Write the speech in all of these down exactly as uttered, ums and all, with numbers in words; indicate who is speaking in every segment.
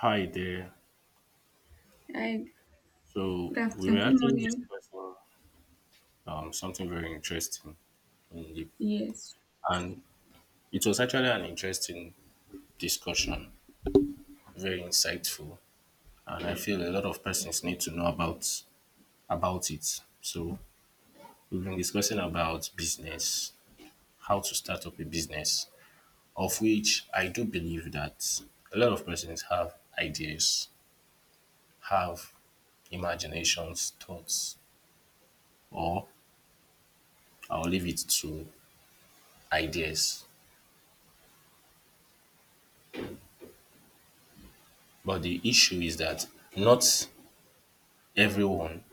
Speaker 1: Hi there.
Speaker 2: Hi,
Speaker 1: So
Speaker 2: good
Speaker 1: we were
Speaker 2: afternoon, good
Speaker 1: actually
Speaker 2: morning.
Speaker 1: discussing um, something very interesting, in the,
Speaker 2: Yes.
Speaker 1: and it was actually an interesting discussion, very insightful, and I feel a lot of persons need to know about about it. So we've been discussing about business, how to start up a business, of which I do believe that a lot of persons have ideas, have imaginations, thoughts, or I'll leave it to ideas. But the issue is that not everyone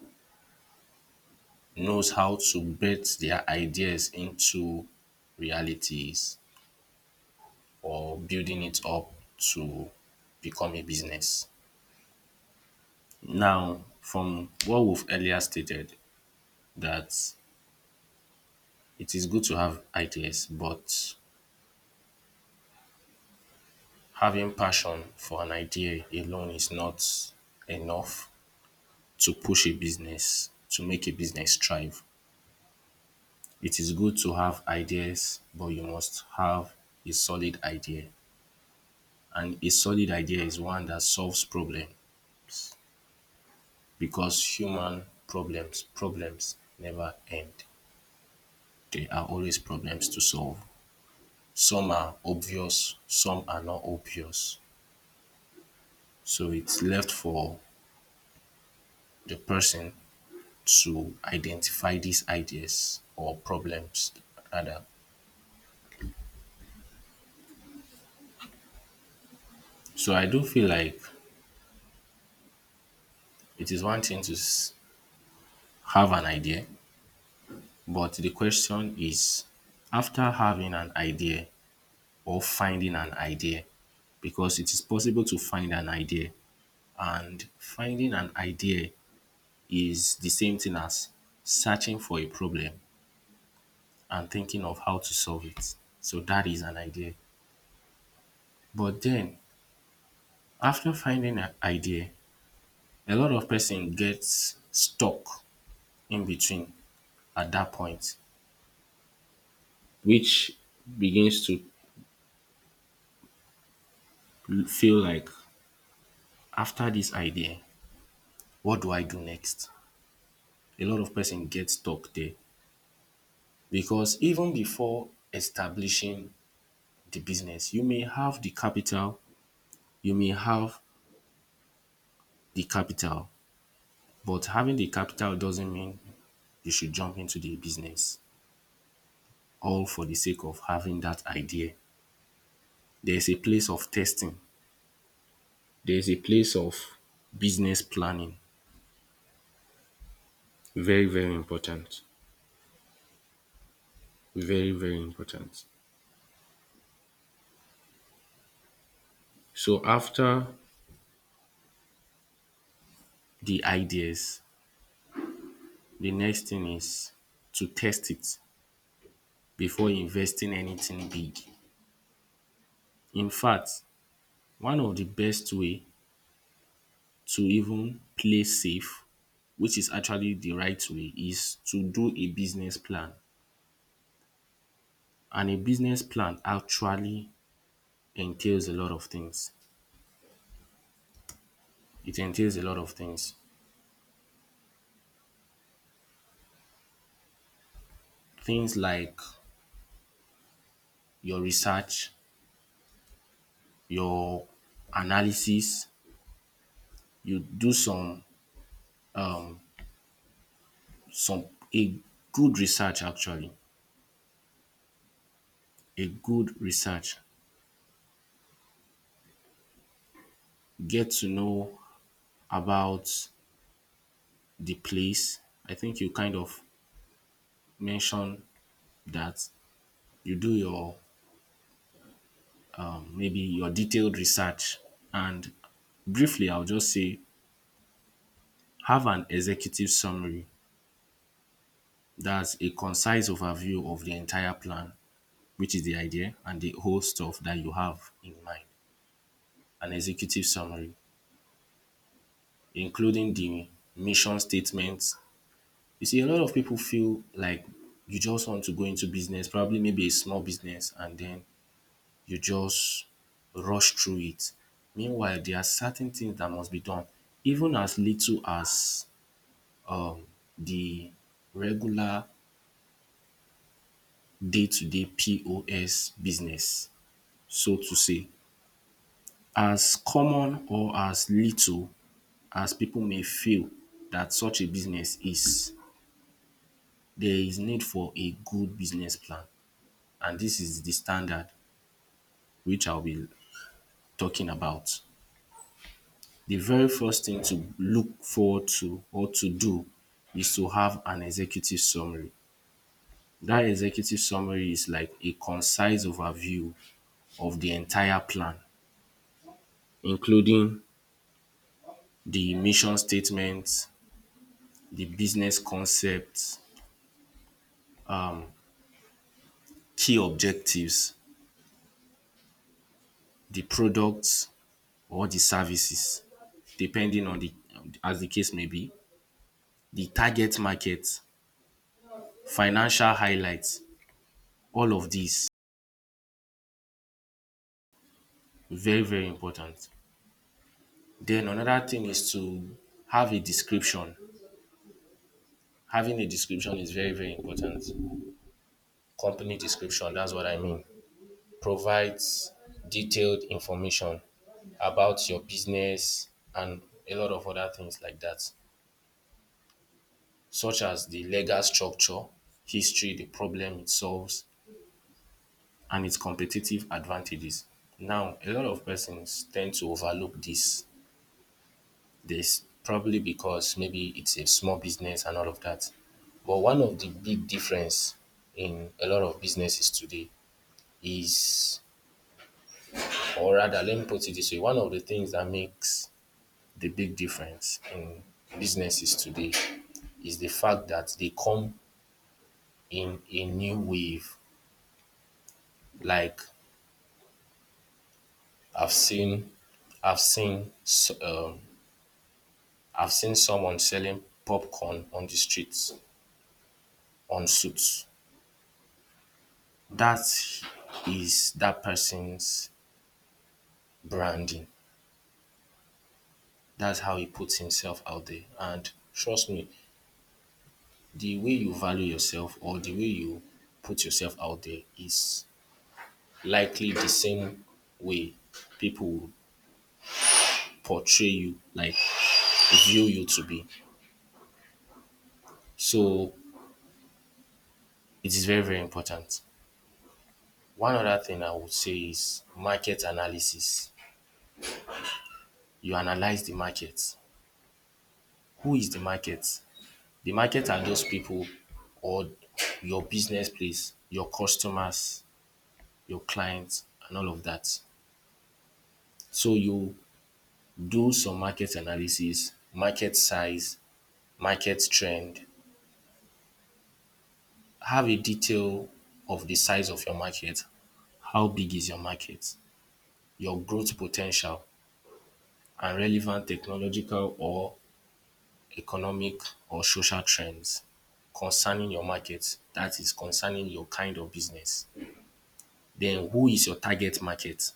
Speaker 1: knows how to bet their ideas into realities or building it up to become a business. Now, from what we've earlier stated, that it is good to have ideas, but having passion for an idea alone is not enough to push a business, to make a business thrive. It is good to have ideas, but you must have a solid idea. And a solid idea is one that solves problem because human problems problems never end. There are always problems to solve. Some are obvious, some are not obvious. So it's left for the person to identify these ideas or problems rather. So I do feel like it is one thing to s- have an idea. But the question is after having an idea or finding an idea, because it is possible to find an idea, and finding an idea is the same thing as searching for a problem and thinking of how to solve it. So that is an idea. But then after finding an idea, a lot of person gets stuck in between at that point, which begins to feel like after this idea, what do I do next? A lot of person get stuck there because even before establishing the business, you may have the capital, you may have the capital, but having the capital doesn't mean you should jump into the business all for the sake of having that idea. There's a place of testing, there's a place of business planning. Very, very important. Very, very important. So after the ideas, the next thing is to test it, before investing anything big. In fact, one of the best way to even play safe, which is actually the right way, is to do a business plan, and a business plan actually entails a lot of things. It entails a lot of things. Things like your research, your analysis, you do some some a good research actually, a good research. Get to know about the place. I think you kind of mentioned that you do your maybe your detailed research, and briefly I'll just say have an executive summary. That's a concise overview of the entire plan, which is the idea and the whole stuff that you have in mind. An executive summary, including the mission statements. You see, a lot of people feel like you just want to go into business, probably maybe a small business, and then you just rush through it. Meanwhile, there are certain things that must be done even as little as um the regular day to day P O S business so to say. As common or as little as people may feel that such a business is, there is need for a good business plan, and this is the standard which I'll be talking about. The very first thing to look forward to or to do is to have an executive summary. That executive summary is like a concise overview of the entire plan, including the mission statement, the business concept, key objectives, the products or the services depending on the as the case may be, the target market, financial highlights, all of these very very important. Then another thing is to have a description. Having a description is very, very important. Company description, that's what I mean. Provides detailed information about your business and a lot of other things like that, such as the legal structure, history, the problem it solves, and its competitive advantages. Now, a lot of persons tend to overlook this this probably because maybe it's a small business and all of that. But one of the big difference in a lot of businesses today is, or rather, let me put it this way, one of the things that makes the big difference in businesses today is the fact that they come in a new wave. Like I've seen, I've seen, s- um, I've seen someone selling popcorn on the streets on suits. That is that person's branding. That's how he puts himself out there. And trust me, the way you value yourself or the way you put yourself out there is likely the same way people would portray you, like view you to be. So it is very, very important. One other thing I would say is market analysis. You analyze the market. Who is the market? The market are just people or your business place, your customers, your clients and all of that. So you do some market analysis, market size, market trend. Have a detail of the size of your market. How big is your market? Your growth potential and relevant technological or economic or social trends concerning your market. That is concerning your kind of business. Then who is your target market?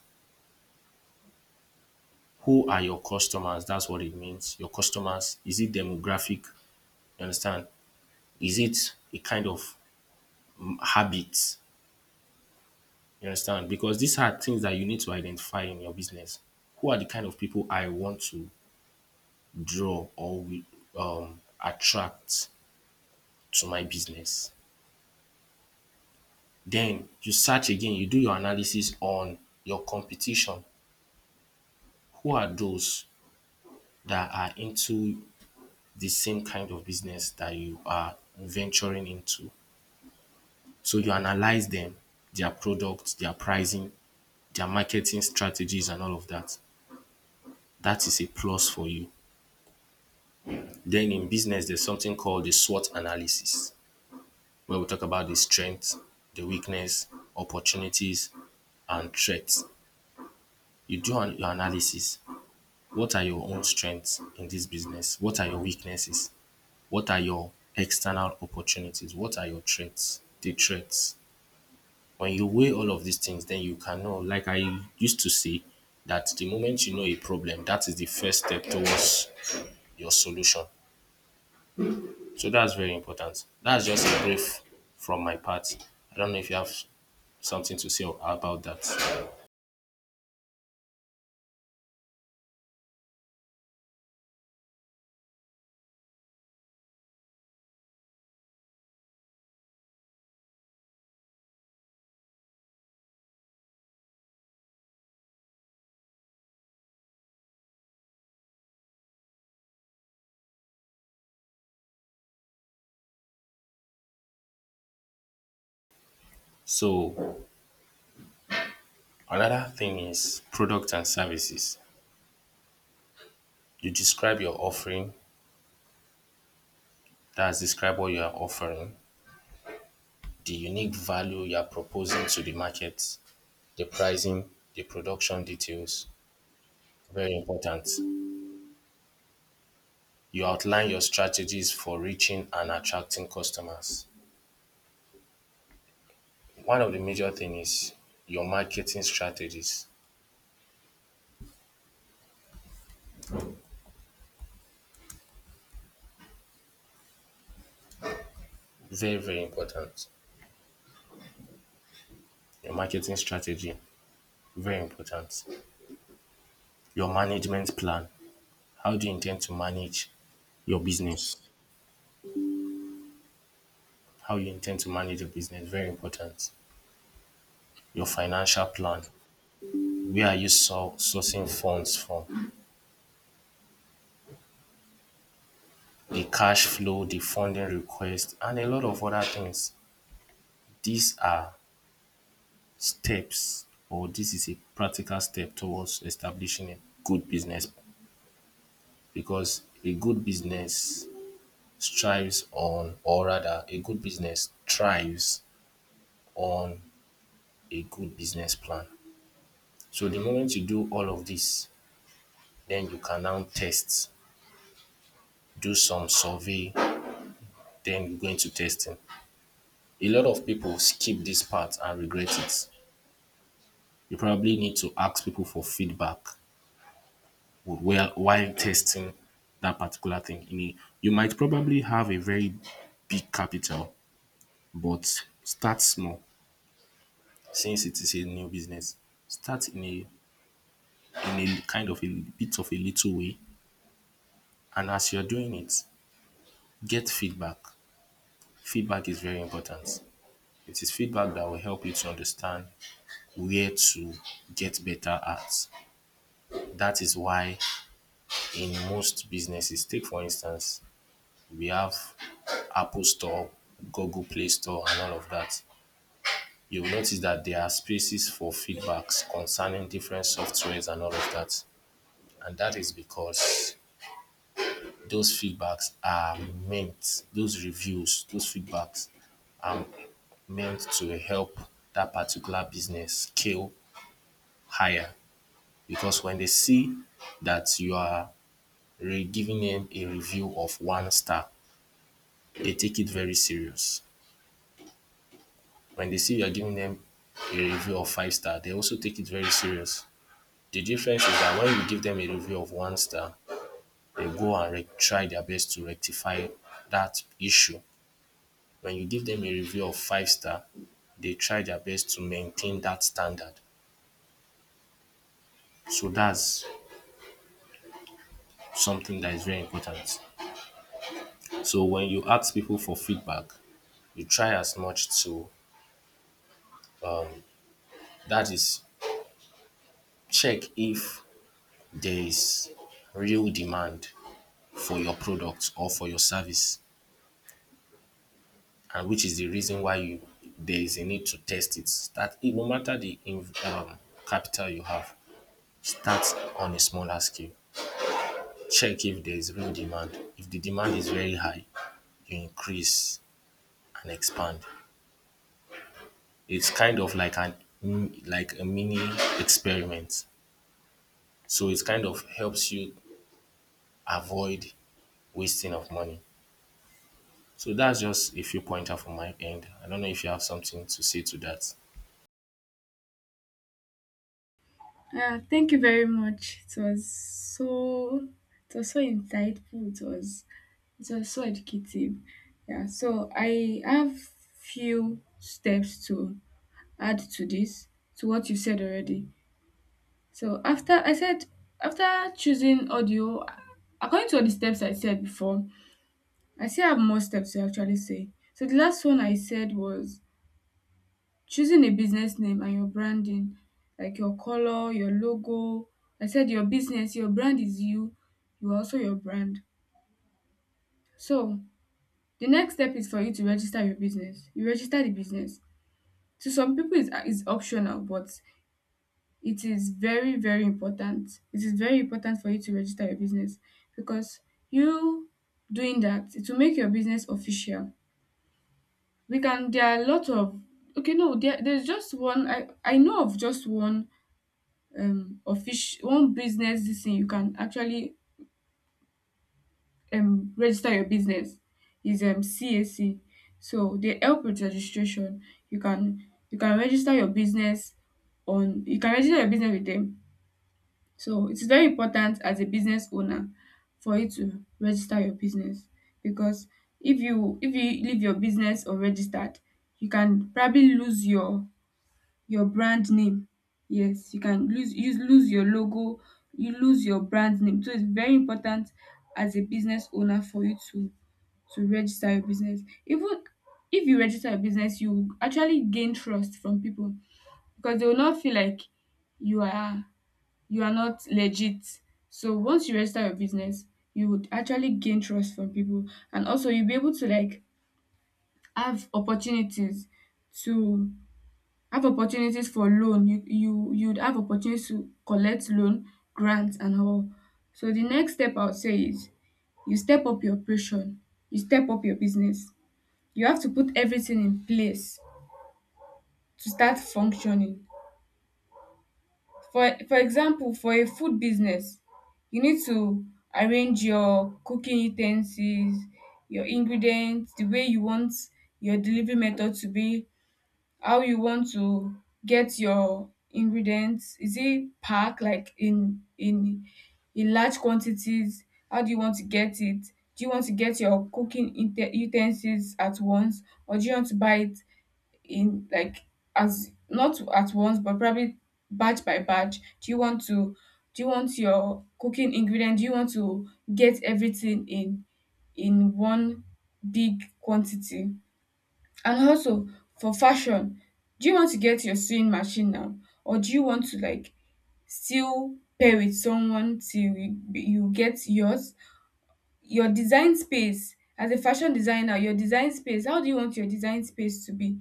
Speaker 1: Who are your customers? That's what it means. Your customers, is it demographic? You understand? Is it a kind of habit? You understand? Because these are things that you need to identify in your business. Who are the kind of people I want to draw or um, attract to my business? Then you search again, you do your analysis on your competition. Who are those that are into the same kind of business that you are venturing into? So you analyze them, their products, their pricing, their marketing strategies, and all of that. That is a plus for you. Then in business, there's something called the SWOT analysis, where we talk about the strengths, the weakness, opportunities, and threats. You do an- your analysis. What are your own strengths in this business? What are your weaknesses? What are your external opportunities? What are your threats? The threats. When you weigh all of these things, then you can know, like I used to say, that the moment you know a problem, that is the first step towards your solution. So that's very important. That's just a brief from my part. I don't know if you have something to say about that. So another thing is product and services. You describe your offering, that's describe what you are offering, the unique value you are proposing to the market, the pricing, the production details. Very important. You outline your strategies for reaching and attracting customers. One of the major things is your marketing strategies. Very, very important. Your marketing strategy, very important. Your management plan. How do you intend to manage your business? How you intend to manage your business, very important. Your financial plan. Where are you sou- sourcing funds from? The cash flow, the funding request, and a lot of other things. These are steps or this is a practical step towards establishing a good business because a good business strives on, or rather, a good business thrives on a good business plan. So the moment you do all of this, then you can now test, do some survey, then you go into testing. A lot of people skip this part and regret it. You probably need to ask people for feedback would wear while testing that particular thing. You know, you might probably have a very big capital, but start small since it is a new business. Start in a in a kind of a bit of a little way, and as you're doing it, get feedback. Feedback is very important. It is feedback that will help you to understand where to get better at. That is why in most businesses, take for instance we have Apple Store, Google Play Store, and all of that. You will notice that there are spaces for feedbacks concerning different softwares and all of that. And that is because those feedbacks are meant, those reviews, those feedbacks are meant to help that particular business scale higher. Because when they see that you are re- giving them a review of one star, they take it very serious. When they see you're giving them a review of five star, they also take it very serious. The difference is that when you give them a review of one star, they go and re- try their best to rectify that issue. When you give them a review of five star, they try their best to maintain that standard. So that's something that is very important. So when you ask people for feedback, you try as much to that is check if there is real demand for your product or for your service and which is the reason why you there is a need to test it. Start it no matter the um, capital you have, start on a smaller scale. Check if there is real demand. If the demand is very high, you increase and expand. It's kind of like an mm, like a mini experiment. So it kind of helps you avoid wasting of money. So that's just a few pointer from my end. I don't know if you have something to say to that.
Speaker 2: Uh, thank you very much. It was so it was so insightful. It was it was so educative. Yeah. So I have few steps to add to this to what you said already. So after I said after choosing audio, according to all the steps I said before, I still have more steps to actually say. So the last one I said was choosing a business name and your branding, like your color, your logo. I said your business, your brand is you. You are also your brand. So the next step is for you to register your business. You register the business. To some people is is optional, but it is very very important. It is very important for you to register your business, because you doing that, it will make your business official. We can there are a lot of Okay, no there, there's just one. I i know of just one um official one business this thing you can actually um register your business is um C A C. So they help with registration. You can you can register your business on you can register your business with them. So it's very important as a business owner for you to register your business, because if you if you leave your business unregistered, you can probably lose your your brand name. Yes, you can lose you lose your logo, you lose your brand name. So it's very important as a business owner for you to to register your business. Even if you register your business, you actually gain trust from people, because they will not feel like you are you are not legit. So once you register your business, you would actually gain trust from people, and also you'll be able to like have opportunities to have opportunities for loan you you you'd have opportunities to collect loan, grants and all. So the next step I would say is you step up your operation, you step up your business. You have to put everything in place to start functioning. For for example, for a food business, you need to arrange your cooking utensils, your ingredients, the way you want your delivery method to be, how you want to get your ingredients. Is it packed like in in in large quantities? How do you want to get it? Do you want to get your cooking inte- utensils at once, or do you want to buy it in like as not at once, but probably batch by batch? Do you want to do you want your cooking ingredient do you want to get everything in in one big quantity? And also, for fashion, do you want to get your sewing machine now, or do you want to like still pair with someone till you, you get yours? Your design space as a fashion designer, your design space. How do you want your design space to be?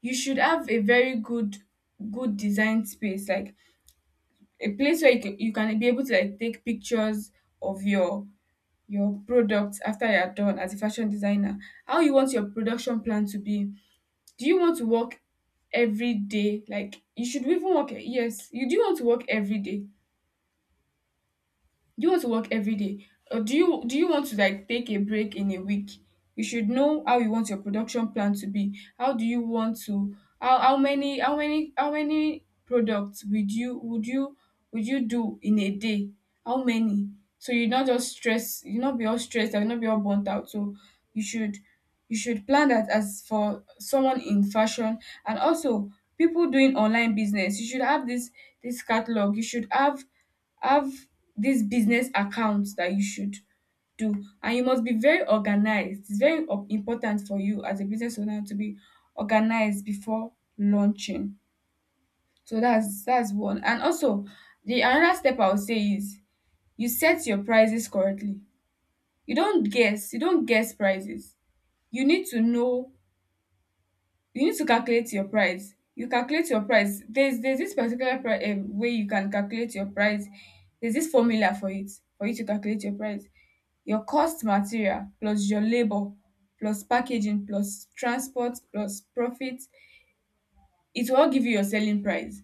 Speaker 2: You should have a very good, good design space, like a place where you can, you can be able to like take pictures of your your products after you are done as a fashion designer. How you want your production plan to be? Do you want to work every day? Like you should even work yes, You do want to work every day? Do you want to work every day? Or do you do you want to like take a break in a week? You should know how you want your production plan to be. How do you want to how, how many how many how many products would you would you would you do in a day? How many? So you not just stress, you not be all stressed and not be all burnt out. So you should you should plan that as for someone in fashion. And also, people doing online business, you should have this this catalog, you should have have this business accounts that you should do. And you must be very organized. It's very up- important for you as a business owner to be organized before launching. So that's that's one. And also, the another step I would say is you set your prices correctly. You don't guess, you don't guess prices. You need to know, you need to calculate your price. You calculate your price. There's there's this particular pri- um, way you can calculate your price. There's this formula for it, for you to calculate your price. Your cost material plus your labor plus packaging plus transport plus profit, it will all give you your selling price.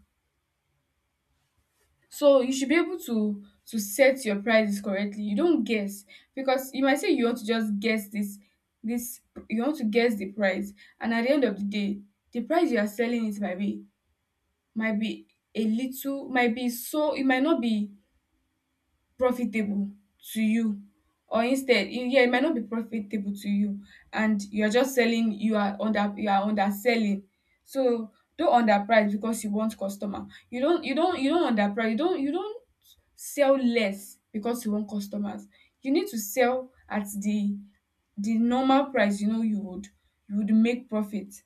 Speaker 2: So you should be able to to set your prices correctly. You don't guess, because you might say you want to just guess this this, you want to guess the price, and at the end of the day, the price you are selling, it might be might be a little might be so it might not be profitable to you. Or instead, e- yeah, it might not be profitable to you, and you're just selling, you are under you are underselling. So don't underprice because you want customer. You don't you don't you don't underprice, you don't you don't sell less because you want customers. You need to sell at the the normal price, you know, you would you would make profit.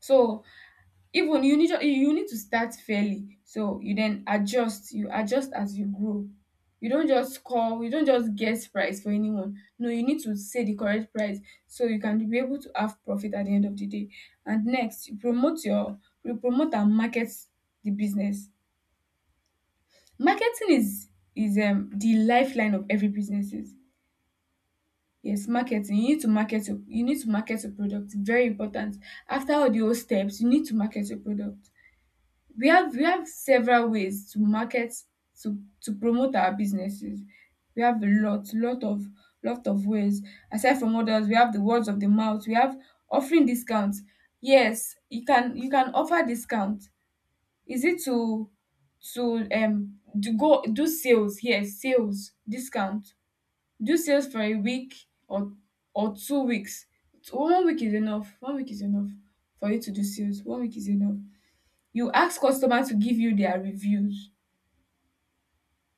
Speaker 2: So even, you need you need to start fairly, so you then adjust, you adjust as you grow. You don't just call you don't just guess price for anyone. No, you need to say the correct price so you can be able to have profit at the end of the day. And next, you promote your you promote and market the business. Marketing is is um the lifeline of every businesses. Yes, marketing, you need to market your, you need to market your product. Very important. After all the whole steps, you need to market your product. We have we have several ways to market, to to promote our businesses. We have a lot, lot of lot of ways. Aside from others, we have the words of the mouth. We have offering discounts. Yes, you can you can offer discount. Is it to to um to go do sales? Yes, sales discount. Do sales for a week or or two weeks. One week is enough. One week is enough for you to do sales. One week is enough. You ask customer to give you their reviews.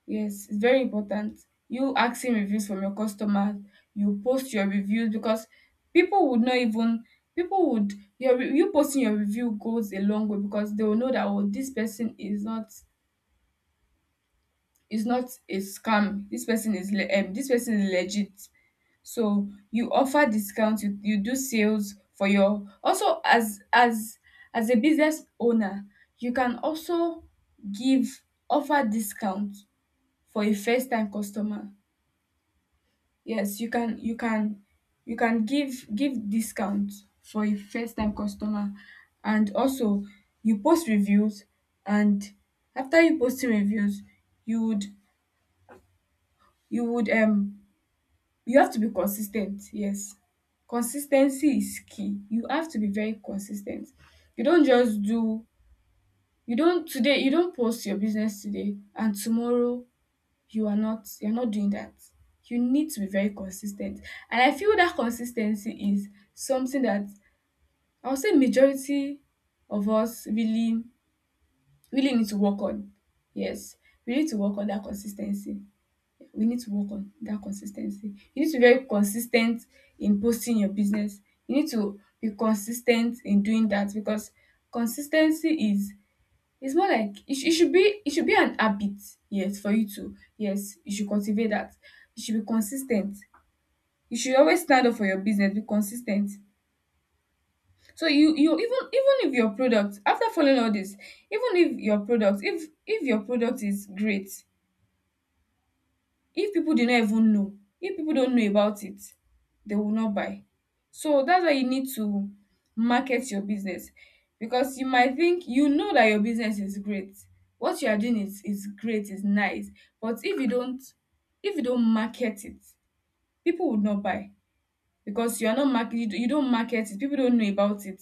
Speaker 2: Yes, it's very important. You asking reviews from your customers, you post your reviews, because people would not even people would your re- you posting your review goes a long way, because they will know that, oh, this person is not is not a scam. This person is le- um this person is legit. So you offer discounts. you, you do sales for your. Also, as as as a business owner, you can also give offer discount for a first time customer. Yes, you can you can you can give give discount for a first time customer. And also, you post reviews, and after you posting reviews, you would you would um you have to be consistent. Yes. Consistency is key. You have to be very consistent. You don't just do you don't today, you don't post your business today and tomorrow you are not you're not doing that. You need to be very consistent. And I feel that consistency is something that I would say majority of us really really need to work on. Yes, we need to work on that consistency, we need to work on that consistency. You need to be very consistent in posting your business. You need to be consistent in doing that, because consistency is, it's more like it, sh- it should be it should be an habit. Yes, for you to, yes, you should cultivate that. You should be consistent. You should always stand up for your business, be consistent. So you you, even, even if your product, after following all this, even if your product, if if your product is great, if people do not even know, if people don't know about it, they will not buy. So that's why you need to market your business. Because you might think you know that your business is great, what you are doing is is great, is nice, but if you don't, if you don't market it, people would not buy. Because you are not market, you don't market it, people don't know about it.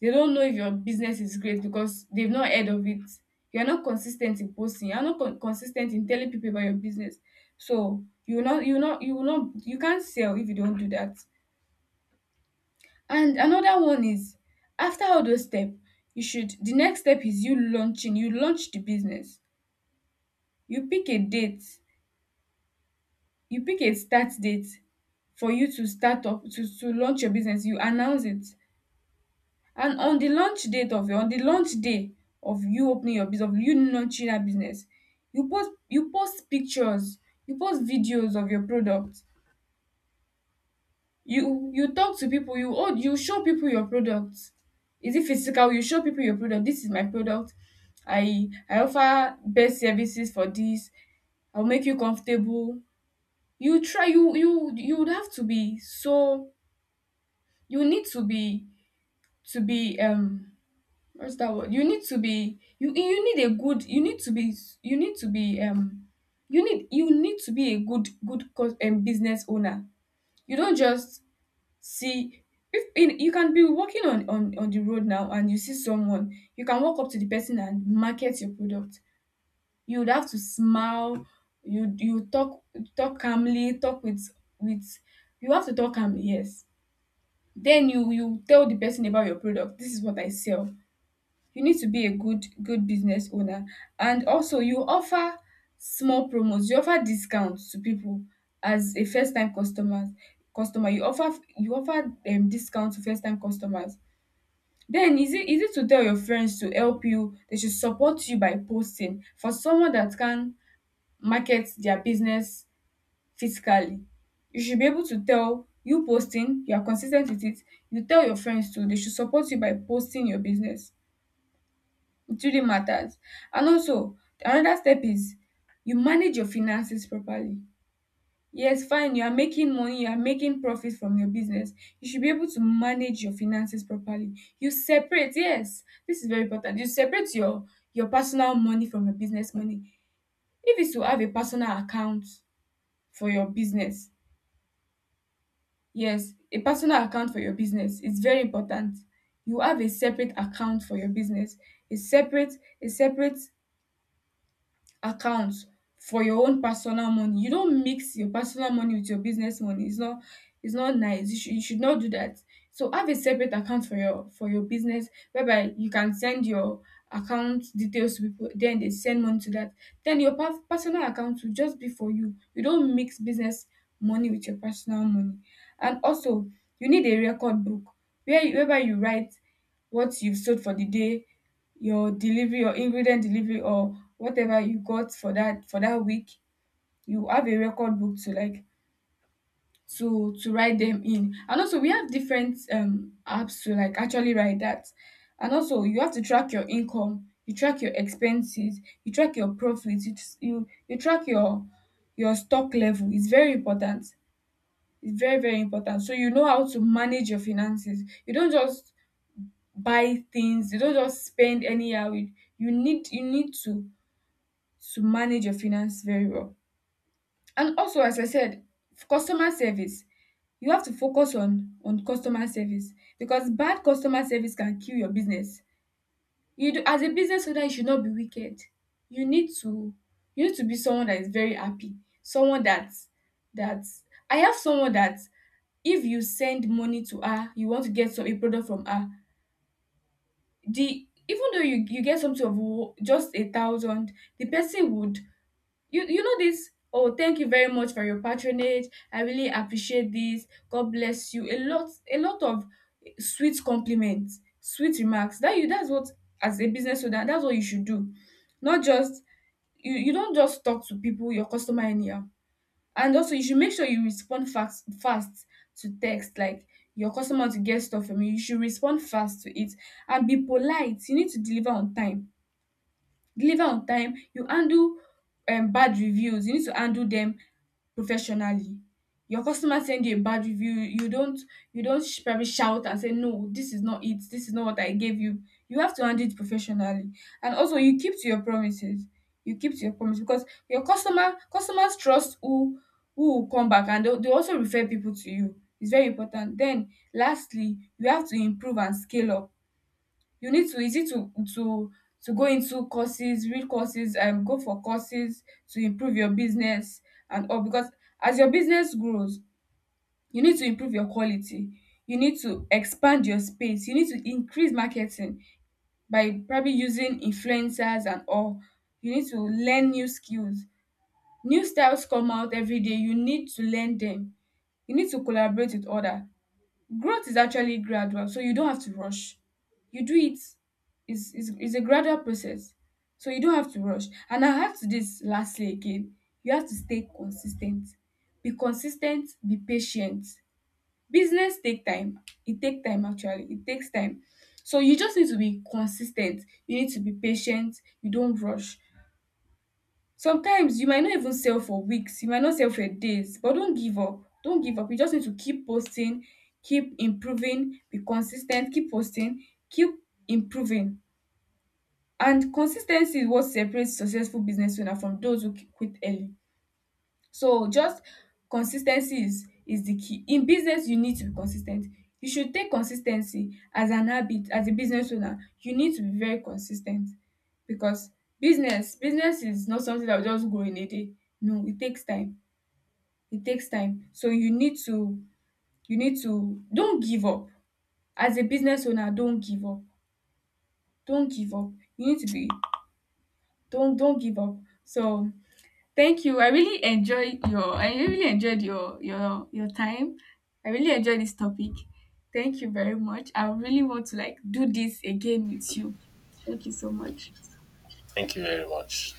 Speaker 2: They don't know if your business is great, because they've not heard of it. You're not consistent in posting. You're not con- consistent in telling people about your business. So you will not, you will not, you will not, you can't sell if you don't do that. And another one is, after all those steps, you should. The next step is you launching. You launch the business. You pick a date. You pick a start date for you to start up to to launch your business. You announce it. And on the launch date of your on the launch day of you opening your business, of you launching that business, you post you post pictures, you post videos of your product. You you talk to people, you oh, you show people your product. Is it physical? You show people your product. This is my product. I I offer best services for this. I'll make you comfortable. You try you you you would have to be. So you need to be, to be um what's that word? You need to be, you you need a good you need to be you need to be um you need you need to be a good good cos- um, business owner. You don't just see. If in, You can be walking on, on on the road now, and you see someone, you can walk up to the person and market your product. You would have to smile. You you talk talk calmly, talk with with you have to talk calmly, yes. Then you you tell the person about your product. This is what I sell. You need to be a good good business owner, and also you offer small promos, you offer discounts to people as a first time customers customer. You offer you offer um, discount to first time customers. Then is it easy to tell your friends to help you? They should support you by posting, for someone that can market their business physically. You should be able to tell, you posting, you are consistent with it. You tell your friends too, they should support you by posting your business. It really matters. And also, another step is you manage your finances properly. Yes, fine, you are making money, you are making profit from your business. You should be able to manage your finances properly. You separate, yes, this is very important. You separate your your personal money from your business money. If it's to have a personal account for your business, yes, a personal account for your business is very important. You have a separate account for your business. A separate, a separate accounts for your own personal money. You don't mix your personal money with your business money. It's not it's not nice. You should you should not do that. So have a separate account for your, for your business, whereby you can send your account details to people, then they send money to that. Then your per- personal account will just be for you. You don't mix business money with your personal money. And also you need a record book where you- whereby you write what you've sold for the day, your delivery your ingredient delivery, or whatever you got for that, for that week. You have a record book to, like, to to write them in. And also we have different um apps to, like, actually write that. And also you have to track your income, you track your expenses, you track your profits. You you, you track your your stock level. It's very important, it's very, very important. So you know how to manage your finances, you don't just buy things, you don't just spend anyhow, you, you need you need to to manage your finance very well. And also, as I said, f- customer service. You have to focus on, on customer service, because bad customer service can kill your business. You do, as a business owner, you should not be wicked. You need to you need to be someone that is very happy. Someone that that I have someone that, if you send money to her, you want to get some a product from her. The Even though you you get something of wo- just a thousand, the person would, you you know this, oh, thank you very much for your patronage. I really appreciate this, god bless you. A lot, a lot of sweet compliments, sweet remarks that you that's what, as a business owner, that's what you should do, not just. You you don't just talk to people, your customer, anyhow. And also you should make sure you respond fast, fast to text, like, your customer to get stuff from you, you should respond fast to it. And be polite, you need to deliver on time, deliver on time. You handle um bad reviews, you need to handle them professionally. Your customer send you a bad review, you don't you don't sh- probably shout and say, no, this is not it, this is not what I gave you. You have to handle it professionally. And also you keep to your promises, you keep to your promise, because your customer customers trust, who who will come back, and they they also refer people to you. It's very important. Then lastly you have to improve and scale up. You need to is it to to to go into courses, real courses, and go for courses to improve your business and all. Because as your business grows, you need to improve your quality, you need to expand your space, you need to increase marketing by probably using influencers and all. You need to learn new skills, new styles come out every day, you need to learn them. You need to collaborate with other. Growth is actually gradual, so you don't have to rush. You do it is is is a gradual process, so you don't have to rush. And I have to this lastly again, you have to stay consistent, be consistent, be patient. Business take time, it take time, actually it takes time. So you just need to be consistent, you need to be patient, you don't rush. Sometimes you might not even sell for weeks, you might not sell for days, but don't give up. Don't give up. You just need to keep posting, keep improving, be consistent, keep posting, keep improving. And consistency is what separates successful business owner from those who quit early. So just consistency is is the key. In business you need to be consistent. You should take consistency as an habit as a business owner. You need to be very consistent, because business business is not something that will just grow in a day. No, it takes time. It takes time. So you need to you need to, don't give up. As a business owner, don't give up. Don't give up. You need to be don't don't give up. So thank you. I really enjoy your I really enjoyed your your your time. I really enjoyed this topic. Thank you very much. I really want to, like, do this again with you. Thank you so much.
Speaker 1: Thank you very much.